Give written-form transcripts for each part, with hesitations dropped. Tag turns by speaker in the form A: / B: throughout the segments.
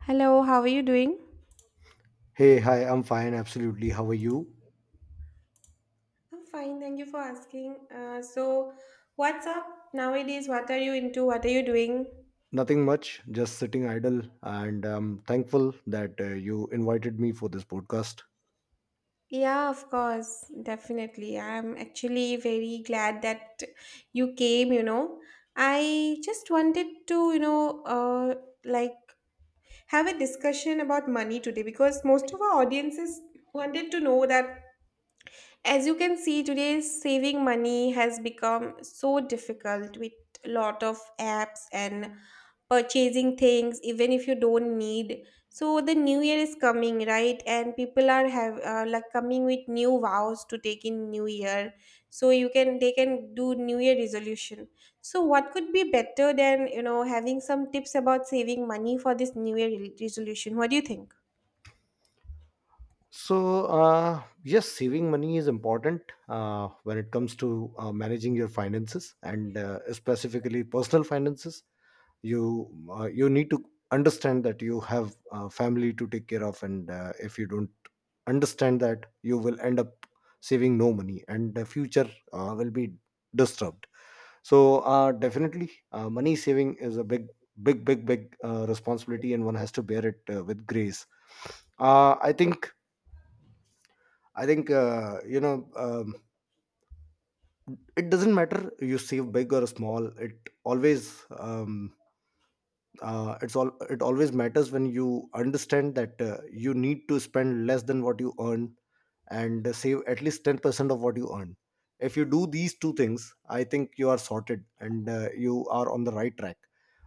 A: Hello, how are you doing?
B: Hey, hi, I'm fine, absolutely. How are you?
A: I'm fine, thank you for asking. What's up nowadays? What are you into? What are you doing?
B: Nothing much, just sitting idle, and I'm thankful that you invited me for this podcast.
A: Yeah, of course, definitely. I'm actually very glad that you came, you know. I just wanted to, like have a discussion about money today, because most of our audiences wanted to know that. As you can see, today saving money has become so difficult with a lot of apps and purchasing things even if you don't need. So the new year is coming, right, and people are have like coming with new vows to take in new year, so you can they can do new year resolution. So what could be better than, you know, having some tips about saving money for this new year resolution? What do you think?
B: Yes, saving money is important when it comes to managing your finances and specifically personal finances. You need to understand that you have a family to take care of, and if you don't understand that, you will end up saving no money, and the future will be disturbed. So definitely money saving is a big responsibility, and one has to bear it with grace. Uh, I think you know It doesn't matter you save big or small, it always it always matters when you understand that you need to spend less than what you earn, and save at least 10% of what you earn. If you do these two things, I think you are sorted, and you are on the right track.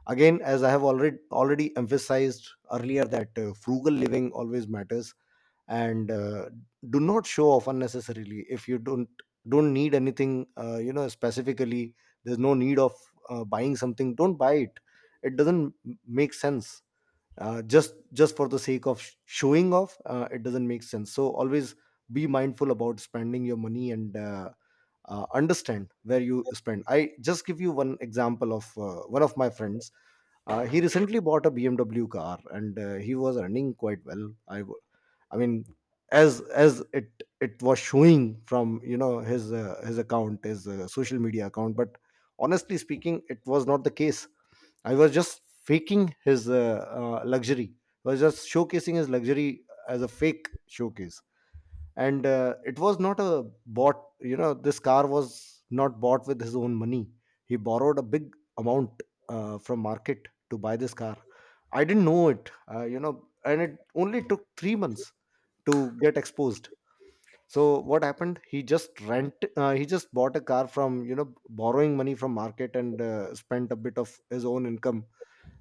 B: Again, as I have already emphasized earlier, that frugal living always matters. And Do not show off unnecessarily. If you don't need anything, you know, specifically there's no need of buying something, don't buy it. It doesn't m- make sense. Just for the sake of showing off, it doesn't make sense. So always be mindful about spending your money, and understand where you spend. I just give you one example of one of my friends. He recently bought a BMW car, and he was earning quite well. I mean, as it was showing from, you know, his account, his social media account. But honestly speaking, it was not the case. I was just faking his luxury. I was just showcasing his luxury as a fake showcase, and it was not a bought, you know, this car was not bought with his own money. He borrowed a big amount from market to buy this car. I didn't know it, you know, and it only took 3 months to get exposed. So what happened, he just bought a car from, you know, borrowing money from market, and spent a bit of his own income.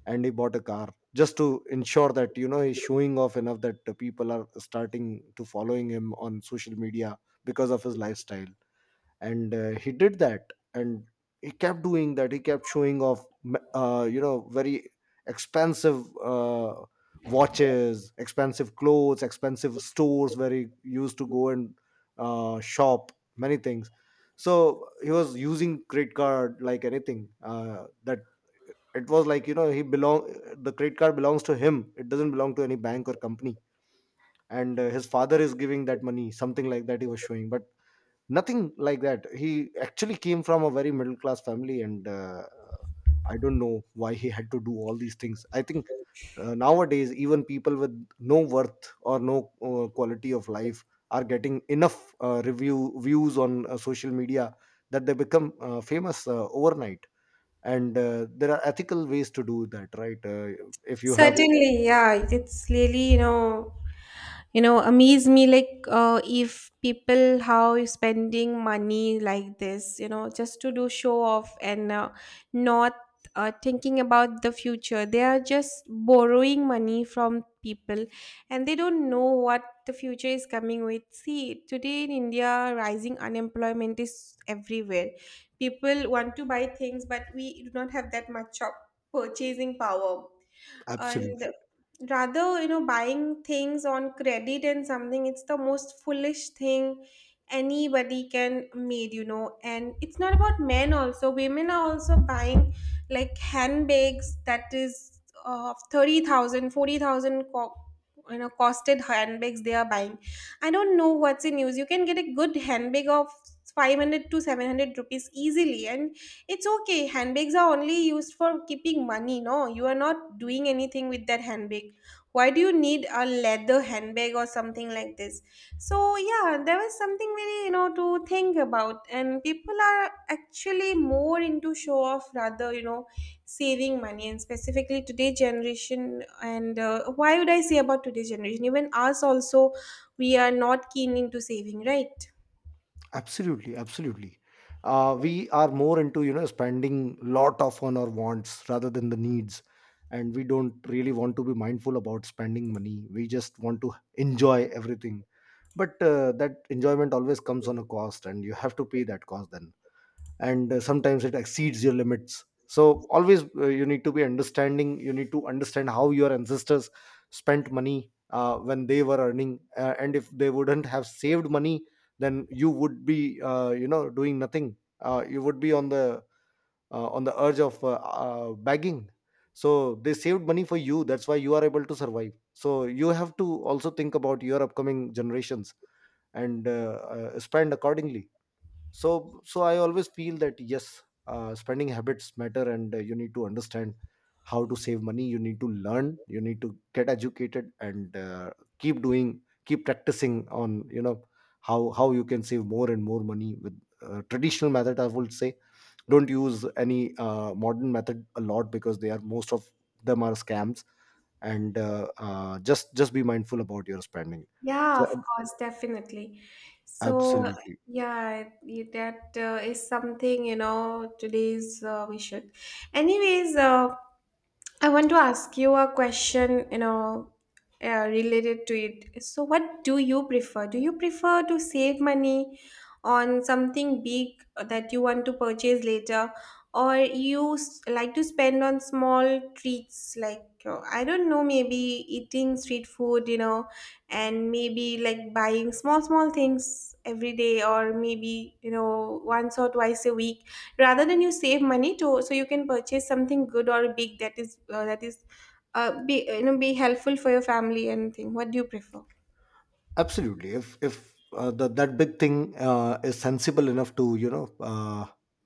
B: And he bought a car just to ensure that, you know, he's showing off enough that the people are starting to following him on social media because of his lifestyle. And he did that, and he kept doing that. He kept showing off, you know, very expensive watches, expensive clothes, expensive stores where he used to go and shop many things. So he was using credit card like anything, that it was like, you know, he belong the credit card belongs to him, it doesn't belong to any bank or company. And his father is giving that money, something like that he was showing. But nothing like that. He actually came from a very middle class family, and I don't know why he had to do all these things. I think nowadays, even people with no worth or no quality of life are getting enough review views on social media, that they become famous overnight. And there are ethical ways to do that, right? If you have
A: Certainly, yeah, it's really, you know amaze me, like, if people how you spending money like this, you know, just to do show off and not thinking about the future. They are just borrowing money from people and they don't know what the future is coming with. See, today in India rising unemployment is everywhere. People want to buy things, but we do not have that much of purchasing power. And
B: absolutely,
A: rather, you know, buying things on credit and something, it's the most foolish thing anybody can made, you know. And it's not about men, also women are also buying like handbags that is of 30,000, 40,000, you know costed handbags they are buying. I don't know what's in use. You can get a good handbag of 500 to 700 rupees easily, and it's okay. Handbags are only used for keeping money. No, you are not doing anything with that handbag. Why do you need a leather handbag or something like this? So, yeah, there was something really, you know, to think about. And people are actually more into show off rather, you know, saving money. And specifically today generation, and why would I say about today generation? Even us also, we are not keen into saving, right?
B: absolutely. Absolutely. We are more into, you know, spending lot of on our wants rather than the needs, and we don't really want to be mindful about spending money. We just want to enjoy everything. But that enjoyment always comes on a cost, and you have to pay that cost then. And sometimes it exceeds your limits. So always, you need to be understanding. You need to understand how your ancestors spent money when they were earning, and if they wouldn't have saved money, then you would be, you know, doing nothing. You would be on the urge of begging. So they saved money for you, that's why you are able to survive. So you have to also think about your upcoming generations, and spend accordingly. So I always feel that yes, spending habits matter, and you need to understand how to save money. You need to learn, you need to get educated, and keep doing, keep practicing on, you know, how you can save more and more money with traditional method, I would say. Don't use any modern method a lot, because they are most of them are scams. And just be mindful about your spending.
A: Yeah,
B: So,
A: of course, definitely. So, uh,
B: absolutely,
A: yeah, that is something, you know, today's we should. Anyways, I want to ask you a question, you know, related to it. So, what do you prefer? Do you prefer to save money on something big that you want to purchase later, or you like to spend on small treats like, I don't know, maybe eating street food, you know, and maybe like buying small small things every day, or maybe, you know, once or twice a week, rather than you save money to so you can purchase something good or big that is be, you know, be helpful for your family and thing? What do you prefer?
B: absolutely. If that big thing is sensible enough to, you know,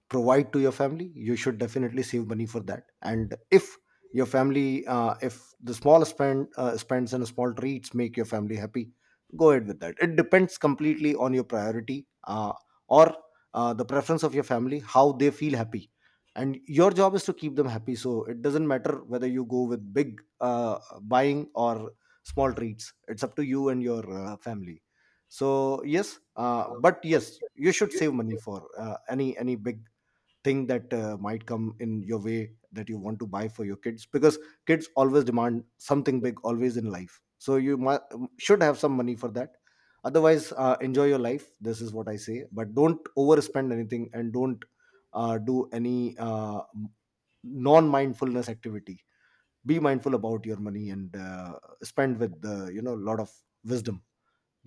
B: provide to your family, you should definitely save money for that. And if your family, if the small spend spends and small treats make your family happy, go ahead with that. It depends completely on your priority, or the preference of your family, how they feel happy. And your job is to keep them happy. So it doesn't matter whether you go with big buying or small treats. It's up to you and your family. So yes, but yes, you should save money for any big thing that might come in your way, that you want to buy for your kids, because kids always demand something big always in life. So you should have some money for that. Otherwise, enjoy your life. This is what I say. But don't overspend anything, and don't do any non mindfulness activity. Be mindful about your money, and spend with the, you know, a lot of wisdom.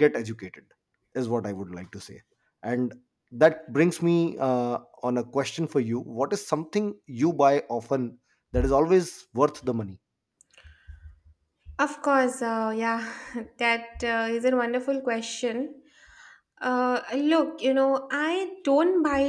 B: Get educated is what I would like to say. And that brings me on a question for you: what is something you buy often that is always worth the money?
A: Of course, yeah, that is a wonderful question. Look, you know, I don't buy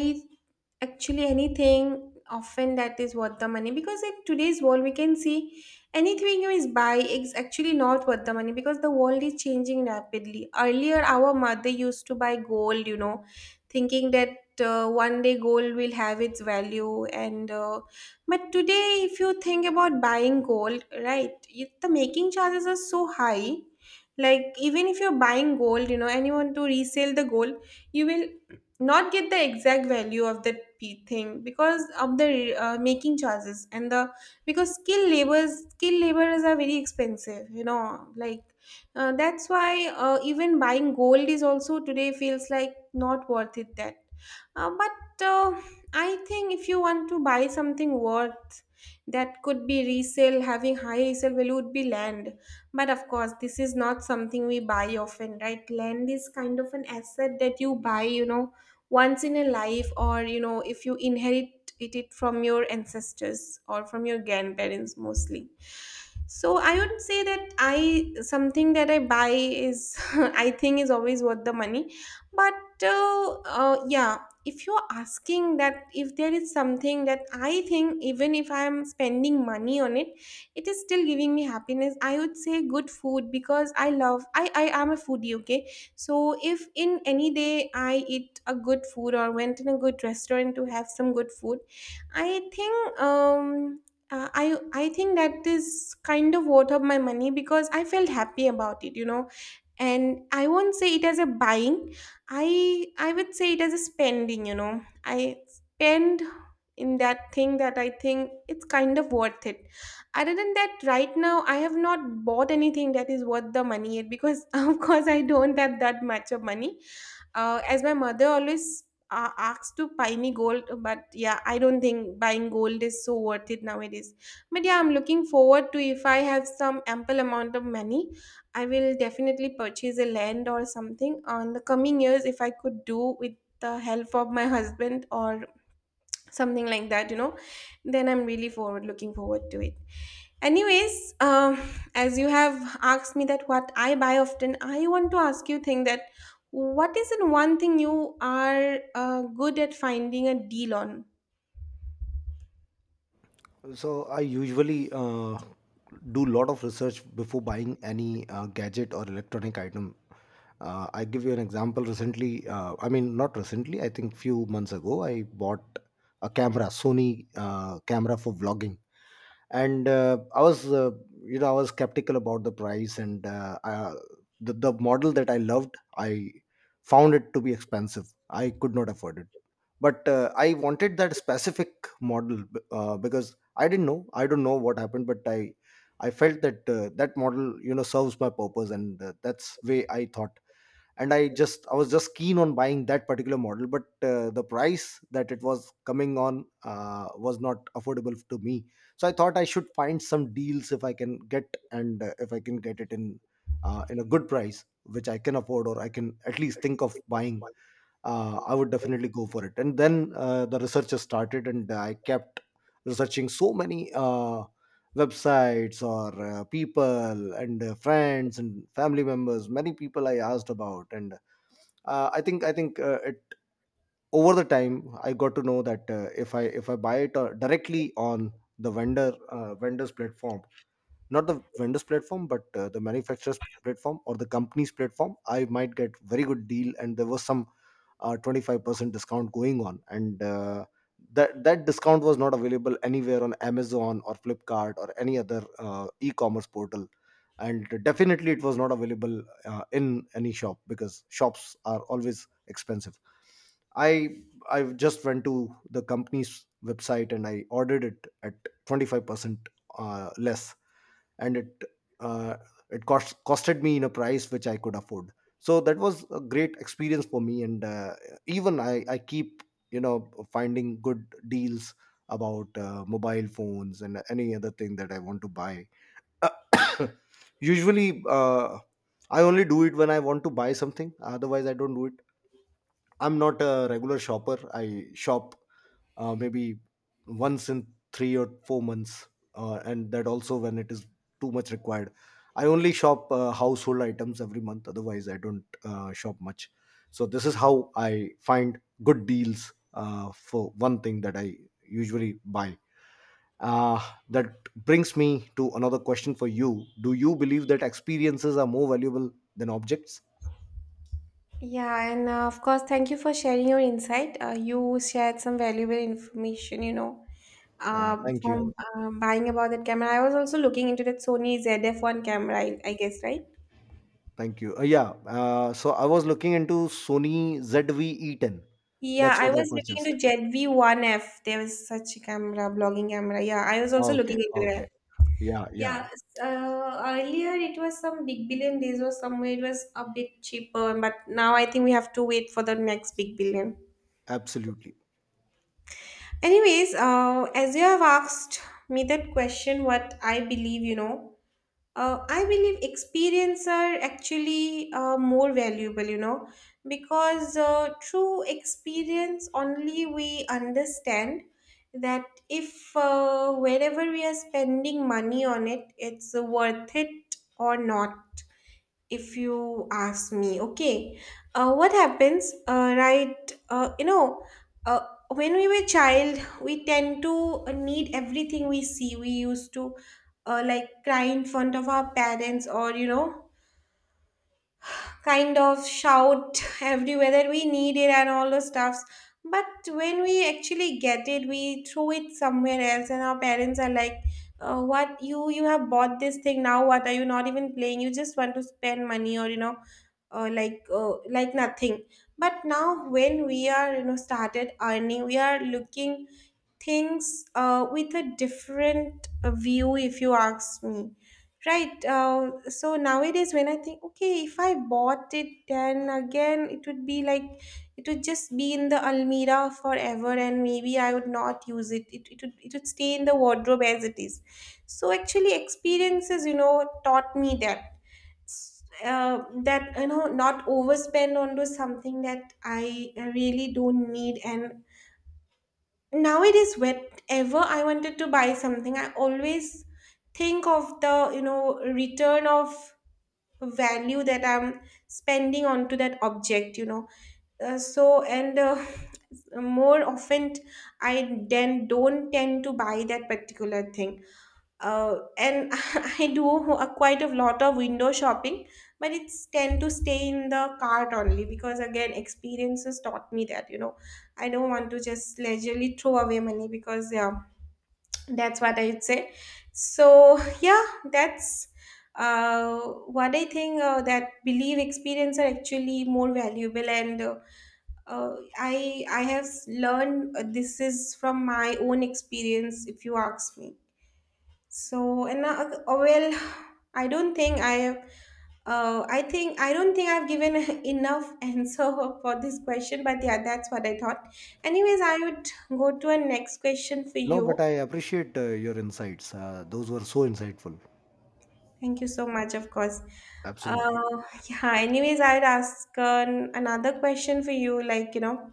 A: actually anything often that is worth the money, because in today's world we can see anything you is buy is actually not worth the money, because the world is changing rapidly. Earlier, our mother used to buy gold, you know, thinking that one day gold will have its value and but today, if you think about buying gold, right, it, the making charges are so high. Like, even if you're buying gold, you know, and you want to resell the gold, you will not get the exact value of that thing, because of the making charges and the because skilled laborers are very expensive, you know, like, that's why, even buying gold is also today feels like not worth it. That but I think, if you want to buy something worth that could be resale, having high resale value would be land. But of course, this is not something we buy often, right? Land is kind of an asset that you buy, you know, once in a life, or, you know, if you inherit it from your ancestors or from your grandparents mostly. So I would say that I something that I buy is I think is always worth the money. But yeah, if you're asking that if there is something that I think even if I'm spending money on it, it is still giving me happiness, I would say good food, because I love I am a foodie, okay? So if in any day I eat a good food or went in a good restaurant to have some good food, I think I think that is kind of worth of my money, because I felt happy about it, you know. And I won't say it as a buying, I would say it as a spending. You know, I spend in that thing that I think it's kind of worth it. Other than that, right now I have not bought anything that is worth the money yet, because of course I don't have that much of money, as my mother always asks to buy me gold. But yeah, I don't think buying gold is so worth it nowadays. But yeah, I'm looking forward to if I have some ample amount of money, I will definitely purchase a land or something on the coming years, if I could do with the help of my husband or something like that, you know, then I'm really forward looking forward to it. Anyways, as you have asked me that what I buy often, I want to ask you thing that what is the one thing you are good at finding a deal on?
B: So I usually do lot of research before buying any gadget or electronic item. I give you an example. Recently, I mean not recently, I think few months ago, I bought a camera, Sony camera for vlogging, and I was, you know, I was skeptical about the price, and the model that I loved, I found it to be expensive. I could not afford it, but I wanted that specific model because I don't know what happened, but I felt that that model, you know, serves my purpose, and that's way I thought. And I was just keen on buying that particular model. But the price that it was coming on was not affordable to me. So I thought I should find some deals if I can get, and if I can get it in a good price which I can afford or I can at least think of buying, I would definitely go for it. And then the research started, and I kept researching so many websites or people and friends and family members. Many people I asked about, and I think it, over the time, I got to know that if I buy it directly on the vendors platform, not the vendor's platform, but the manufacturer's platform or the company's platform, I might get very good deal. And there was some 25% discount going on, and that discount was not available anywhere on Amazon or Flipkart or any other e-commerce portal. And definitely it was not available in any shop, because shops are always expensive. i I just went to the company's website and I ordered it at 25% less. And it uh, costed me in a price which I could afford. So that was a great experience for me. And even I keep, you know, finding good deals about mobile phones and any other thing that I want to buy. usually, I only do it when I want to buy something. Otherwise, I don't do it. I'm not a regular shopper. I shop, maybe once in 3 or 4 months, and that also when it is too much required. I only shop household items every month. Otherwise, I don't shop much. So this is how I find good deals for one thing that I usually buy. Uh, that brings me to another question for you: do you believe that experiences are more valuable than objects?
A: Yeah, and of course, thank you for sharing your insight. You shared some valuable information, you know,
B: Thank you.
A: from buying about that camera. I was also looking into that Sony ZF1 camera, I guess, right?
B: Thank you. Yeah. So I was looking into Sony ZV-E10.
A: Yeah,
B: That's
A: I
B: what I
A: was looking
B: purchased.
A: into ZV1F. There was such a camera, blogging camera. Yeah, I was also
B: Okay.
A: looking into
B: Okay.
A: it.
B: Yeah. Yeah.
A: Yeah, earlier it was some Big Billion Days or somewhere it was a bit cheaper, but now I think we have to wait for the next Big Billion.
B: Absolutely.
A: Anyways, as you have asked me that question, what I believe, you know, I believe experience are actually more valuable, you know, because through experience only we understand that if wherever we are spending money on it, it's worth it or not. If you ask me, okay, what happens uh, when we were child we tend to need everything we see. We used to like cry in front of our parents, or, you know, kind of shout everywhere that we need it and all those stuffs. But when we actually get it we throw it somewhere else, and our parents are like, what you have bought this thing, now what, are you not even playing? You just want to spend money, or, you know, nothing. But now when we are, you know, started earning, we are looking things with a different view, if you ask me. Right. So nowadays, when I think, okay, if I bought it, then again, it would be like, it would just be in the almirah forever, and maybe I would not use it. It would stay in the wardrobe as it is. So actually, experiences, you know, taught me that. That, you know, not overspend onto something that I really don't need. And now it is, whenever I wanted to buy something, I always think of the, you know, return of value that I'm spending onto that object, you know. So, and more often I then don't tend to buy that particular thing, and I do a quite a lot of window shopping, but it's tend to stay in the cart only, because again experiences taught me that, you know, I don't want to just leisurely throw away money, because yeah, that's what I'd say. So yeah, that's uh, what I think, that believe experience are actually more valuable, and I have learned this is from my own experience, if you ask me. So, and well, I don't think I have. I don't think I've given enough answer for this question, but yeah, that's what I thought. Anyways, I would go to a next question for
B: No, but
A: you.
B: I appreciate your insights. Those were so insightful.
A: Thank you so much, of course.
B: Absolutely.
A: Uh, yeah. Anyways, I would ask an, another question for you. Like, you know,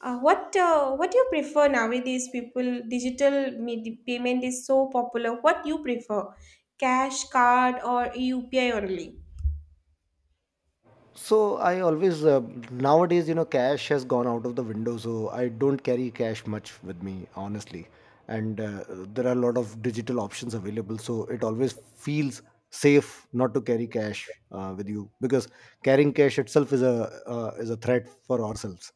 A: what do you prefer nowadays? People, digital payment is so popular. What you prefer, cash, card, or UPI only?
B: So I always nowadays, you know, cash has gone out of the window. So I don't carry cash much with me, honestly. And there are a lot of digital options available. So it always feels safe not to carry cash with you because carrying cash itself is a threat for ourselves.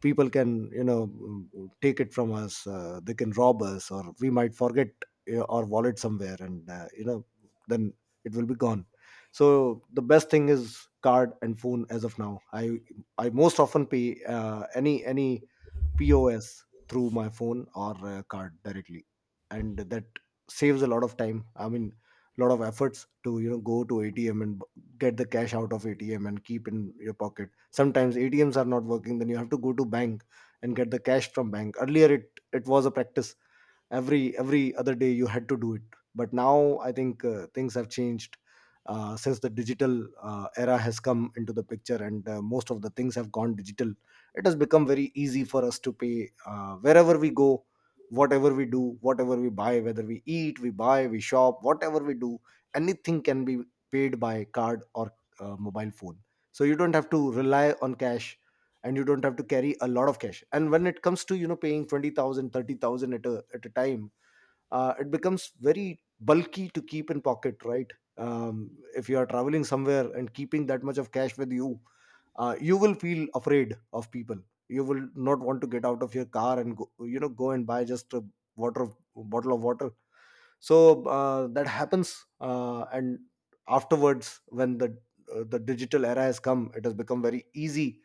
B: People can, you know, take it from us. They can rob us, or we might forget our wallet somewhere, and, you know, then it will be gone. So the best thing is card and phone as of now. I most often pay any POS through my phone or card directly, and that saves a lot of time. I mean, a lot of efforts to, you know, go to ATM and get the cash out of ATM and keep in your pocket. Sometimes ATMs are not working, then you have to go to bank and get the cash from bank. Earlier, it was a practice every other day you had to do it. But now I think things have changed since the digital era has come into the picture, and most of the things have gone digital. It has become very easy for us to pay wherever we go, whatever we do, whatever we buy, whether we eat, we buy, we shop, whatever we do, anything can be paid by card or mobile phone. So you don't have to rely on cash, and you don't have to carry a lot of cash. And when it comes to, you know, paying 20,000, 30,000 at a time, it becomes very bulky to keep in pocket, right? If you are traveling somewhere and keeping that much of cash with you, you will feel afraid of people. You will not want to get out of your car and go, you know, go and buy just a water, bottle of water. So that happens. And afterwards, when the digital era has come, it has become very easy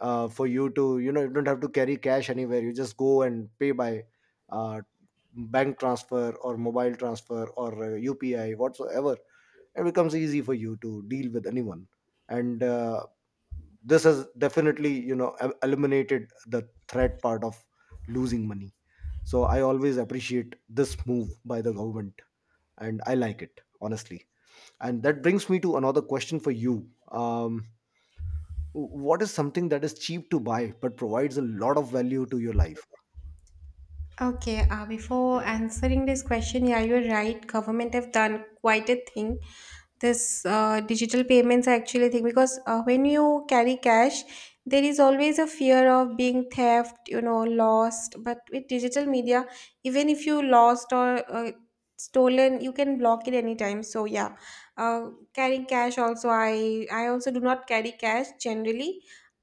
B: for you to, you know, you don't have to carry cash anywhere. You just go and pay by uh, bank transfer or mobile transfer or upi, whatsoever. It becomes easy for you to deal with anyone. And this has definitely, you know, eliminated the threat part of losing money. So I always appreciate this move by the government, and I like it, honestly. And that brings me to another question for you. What is something that is cheap to buy but provides a lot of value to your life?
A: Okay, before answering this question, yeah, you're right. Government have done quite a thing, this digital payments I actually think because when you carry cash there is always a fear of being theft, you know, lost, but with digital media even if you lost or stolen, you can block it anytime. So yeah, carrying cash also, I also do not carry cash generally.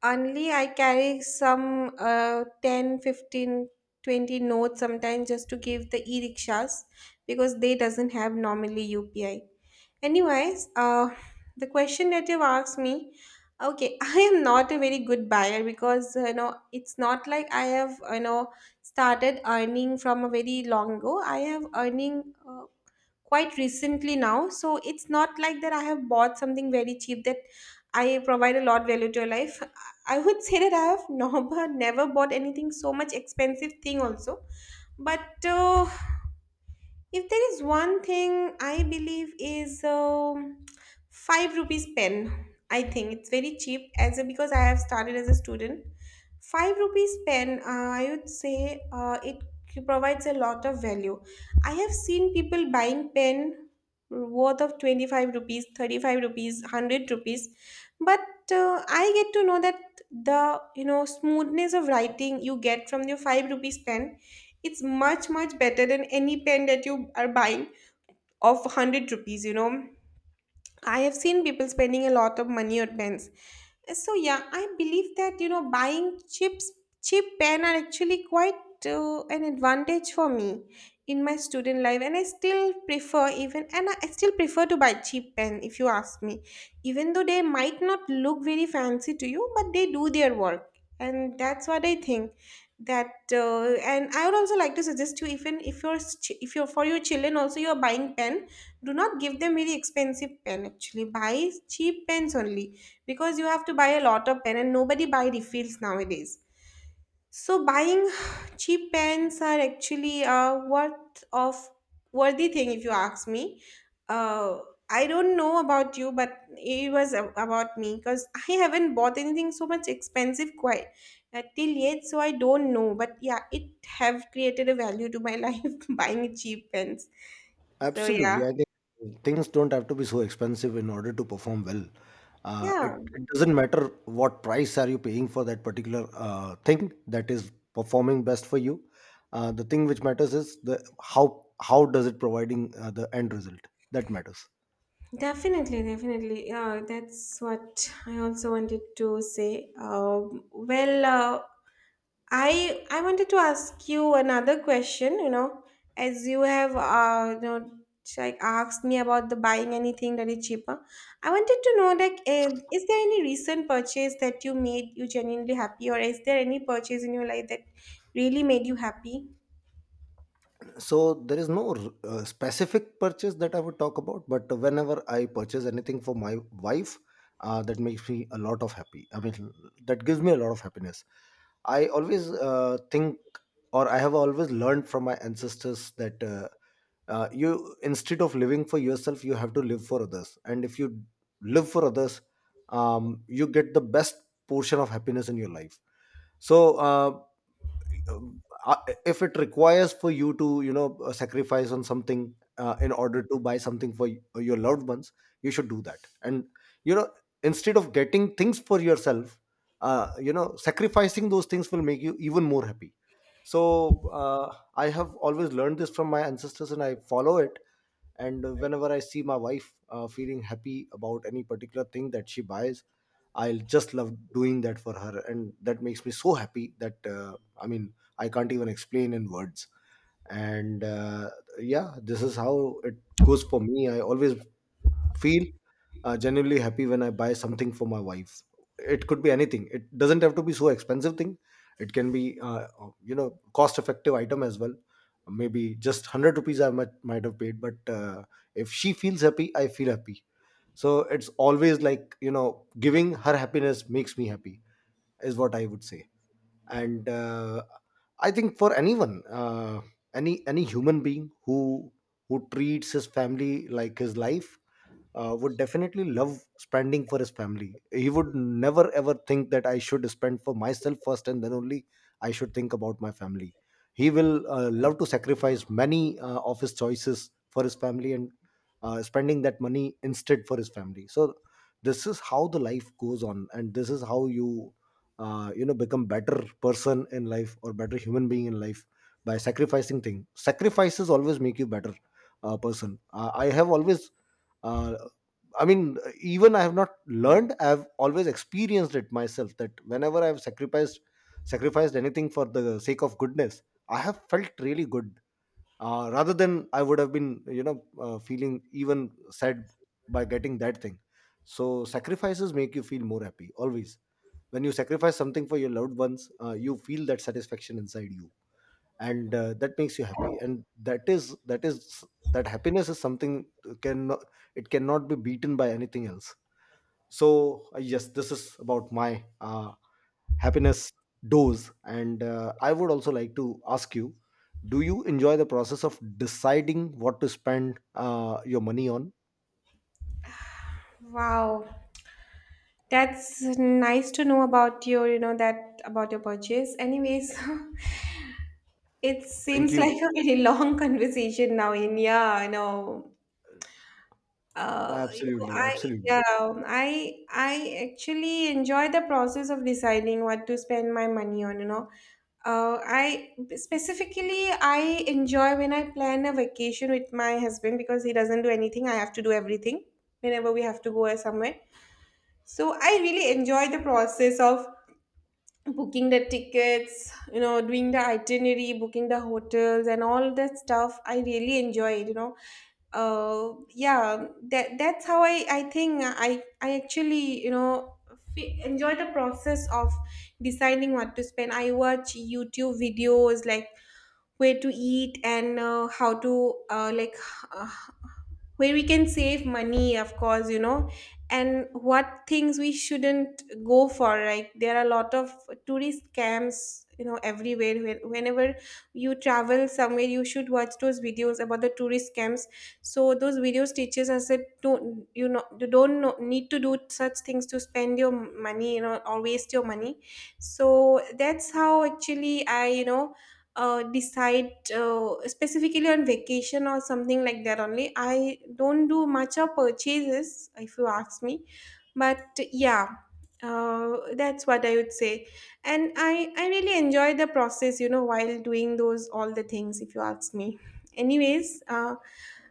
A: Only I carry some 10, 15, 20 notes sometimes just to give the e-rickshaws because they doesn't have normally UPI. Anyways, the question that you've asked me, okay, I am not a very good buyer because you know it's not like I have, you know, started earning from a very long ago. I have earning quite recently now, so it's not like that I have bought something very cheap that I provide a lot value to your life. I would say that I have never bought anything so much expensive thing also, but if there is one thing I believe is five rupees pen. I think it's very cheap as a, because I have started as a student. Five rupees pen. I would say it provides a lot of value. I have seen people buying pen worth of 25 rupees, 35 rupees, 100 rupees, but I get to know that the, you know, smoothness of writing you get from your 5 rupees pen, it's much better than any pen that you are buying of 100 rupees, you know. I have seen people spending a lot of money on pens. So yeah, I believe that, you know, buying chips, cheap pen are actually quite an advantage for me in my student life, and I still prefer, even and I still prefer to buy cheap pen if you ask me, even though they might not look very fancy to you, but they do their work. And that's what I think, that and I would also like to suggest you, even if you're if you're for your children also you're buying pen, do not give them very expensive pen, actually buy cheap pens only, because you have to buy a lot of pen and nobody buy refills nowadays. So buying cheap pens are actually a worth of worthy thing if you ask me. uh, I don't know about you, but it was about me because I haven't bought anything so much expensive quite till yet, so I don't know, but yeah, it have created a value to my life buying cheap pens. So yeah.
B: Absolutely. I think things don't have to be so expensive in order to perform well.
A: Yeah.
B: It doesn't matter what price are you paying for that particular thing that is performing best for you. The thing which matters is the how does it providing the end result that matters.
A: Definitely, definitely. That's what I also wanted to say. I wanted to ask you another question. You know, as you have you know, like asked me about the buying anything that is cheaper. I wanted to know like, is there any recent purchase that you made you genuinely happy, or is there any purchase in your life that really made you happy?
B: So there is no specific purchase that I would talk about, but whenever I purchase anything for my wife, that makes me a lot of happy. I mean, that gives me a lot of happiness. I always think, or I have always learned from my ancestors that you, instead of living for yourself, you have to live for others. And if you live for others, you get the best portion of happiness in your life. So um, uh, if it requires for you to, you know, sacrifice on something in order to buy something for your loved ones, you should do that, and, you know, instead of getting things for yourself, you know, sacrificing those things will make you even more happy. So I have always learned this from my ancestors, and I follow it. And whenever I see my wife feeling happy about any particular thing that she buys, I'll just love doing that for her, and that makes me so happy that I mean, I can't even explain in words. And yeah, this is how it goes for me. I always feel genuinely happy when I buy something for my wife. It could be anything. It doesn't have to be so expensive thing. It can be you know, cost effective item as well. Maybe just 100 rupees I might have paid, but if she feels happy, I feel happy. So it's always like, you know, giving her happiness makes me happy, is what I would say. And I think for anyone any human being who treats his family like his life would definitely love spending for his family. He would never ever think that I should spend for myself first, and then only I should think about my family. He will love to sacrifice many of his choices for his family, and spending that money instead for his family. So this is how the life goes on, and this is how you you know, become better person in life, or better human being in life, by sacrificing things. Sacrifices always make you better person. I have always uh, I mean, even I have not learned. I have always experienced it myself, that whenever I have sacrificed anything for the sake of goodness, I have felt really good. Rather than I would have been, you know, feeling even sad by getting that thing. So sacrifices make you feel more happy always. When you sacrifice something for your loved ones, you feel that satisfaction inside you, and that makes you happy. And that is that happiness is something can it cannot be beaten by anything else. So yes, this is about my happiness dose. And I would also like to ask you, do you enjoy the process of deciding what to spend your money on?
A: Wow, that's nice to know about your, you know, that about your purchase. Anyways. It
B: Thank
A: seems
B: you.
A: like a very long conversation now in, yeah, I know. You know,
B: Absolutely,
A: I,
B: absolutely.
A: yeah, I actually enjoy the process of deciding what to spend my money on, you know. I enjoy when I plan a vacation with my husband because he doesn't do anything. I have to do everything whenever we have to go somewhere. So I really enjoy the process of booking the tickets, you know, doing the itinerary, booking the hotels, and all that stuff. I really enjoyed, you know. Yeah, that that's how I think I actually, you know, enjoy the process of deciding what to spend. I watch YouTube videos like where to eat, and how to like where we can save money, of course, you know, and what things we shouldn't go for. Like there are a lot of tourist scams, you know, everywhere. Whenever you travel somewhere, you should watch those videos about the tourist scams. So those videos teaches us that don't, you know, you don't know, need to do such things to spend your money, you know, or waste your money. So that's how actually I, you know, decide specifically on vacation or something like that only. I don't do much of purchases, if you ask me. But yeah, that's what I would say. And I really enjoy the process, you know, while doing those all the things, if you ask me. Anyways,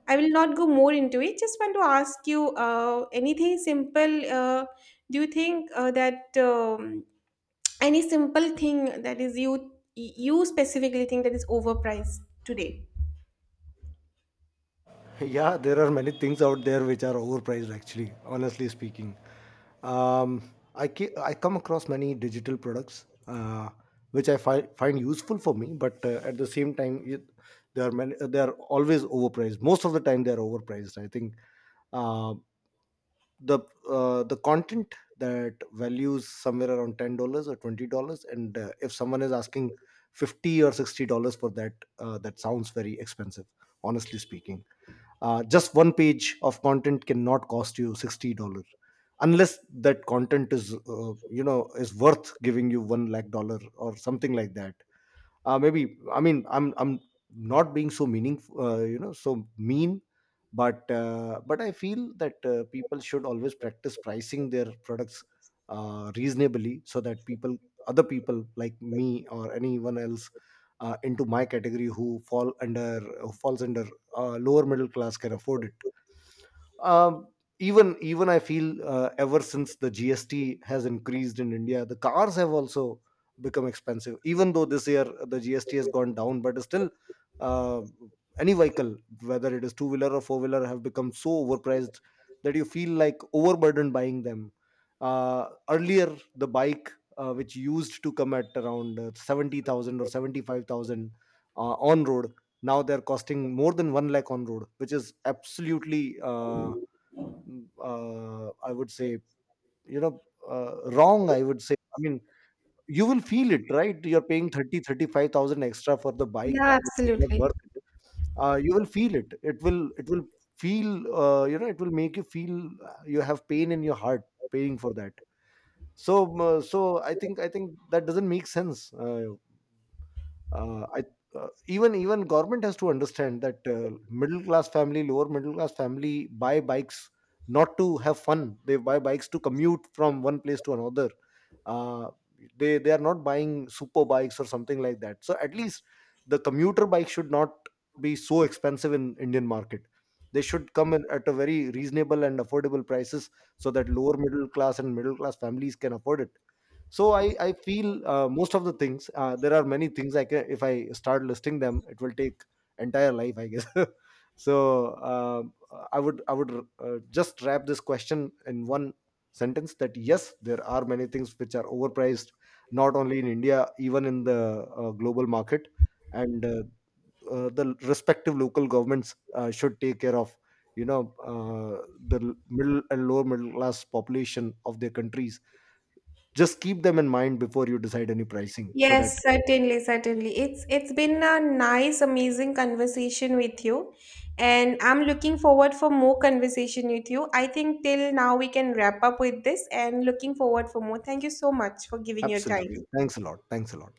A: I will not go more into it. Just want to ask you anything simple. Do you think that? Any simple thing that is you specifically think that is overpriced today?
B: Yeah, there are many things out there which are overpriced, actually, honestly speaking. I come across many digital products which I find useful for me, but at the same time, are many, they are always overpriced. Most of the time, they are overpriced, I think. Uh, the the content that values somewhere around $10 or $20, and if someone is asking $50 or $60 for that, that sounds very expensive. Honestly speaking, just one page of content cannot cost you $60, unless that content is, you know, is worth giving you one lakh dollar or something like that, maybe. I mean, I'm not being so meaningful, you know, so mean, but but I feel that people should always practice pricing their products reasonably, so that people, other people like me or anyone else into my category, who falls under lower middle class, can afford it. Um, even even I feel, ever since the GST has increased in India, the cars have also become expensive. Even though this year the GST has gone down, but still, uh, any vehicle, whether it is two wheeler or four wheeler, have become so overpriced that you feel like overburdened buying them. Earlier, the bike which used to come at around 70,000 or 75,000 on road, now they're costing more than one lakh on road, which is absolutely, I would say, you know, wrong. I would say, I mean, you will feel it, right? You're paying 30, 35,000 extra for the bike,
A: Yeah,
B: which is not
A: absolutely.
B: worth it. You will feel it. It will feel, you know, it will make you feel you have pain in your heart paying for that. So, I think that doesn't make sense. I even even government has to understand that middle class family, lower middle class family buy bikes not to have fun. They buy bikes to commute from one place to another. Uh, they are not buying super bikes or something like that. So at least the commuter bike should not be so expensive in Indian market. They should come in at a very reasonable and affordable prices so that lower middle class and middle class families can afford it. So I feel most of the things, there are many things I can, if I start listing them, it will take entire life, I guess. So I would just wrap this question in one sentence, that yes, there are many things which are overpriced, not only in india, even in the global market, and the respective local governments should take care of, you know, uh, the middle and lower middle class population of their countries. Just keep them in mind before you decide any pricing, so
A: Yes,
B: that
A: certainly, certainly, it's been a nice amazing conversation with you, and I'm looking forward for more conversation with you. I think till now we can wrap up with this and looking forward for more. Thank you so much for giving your
B: absolutely,
A: time.
B: thanks a lot, thanks a lot.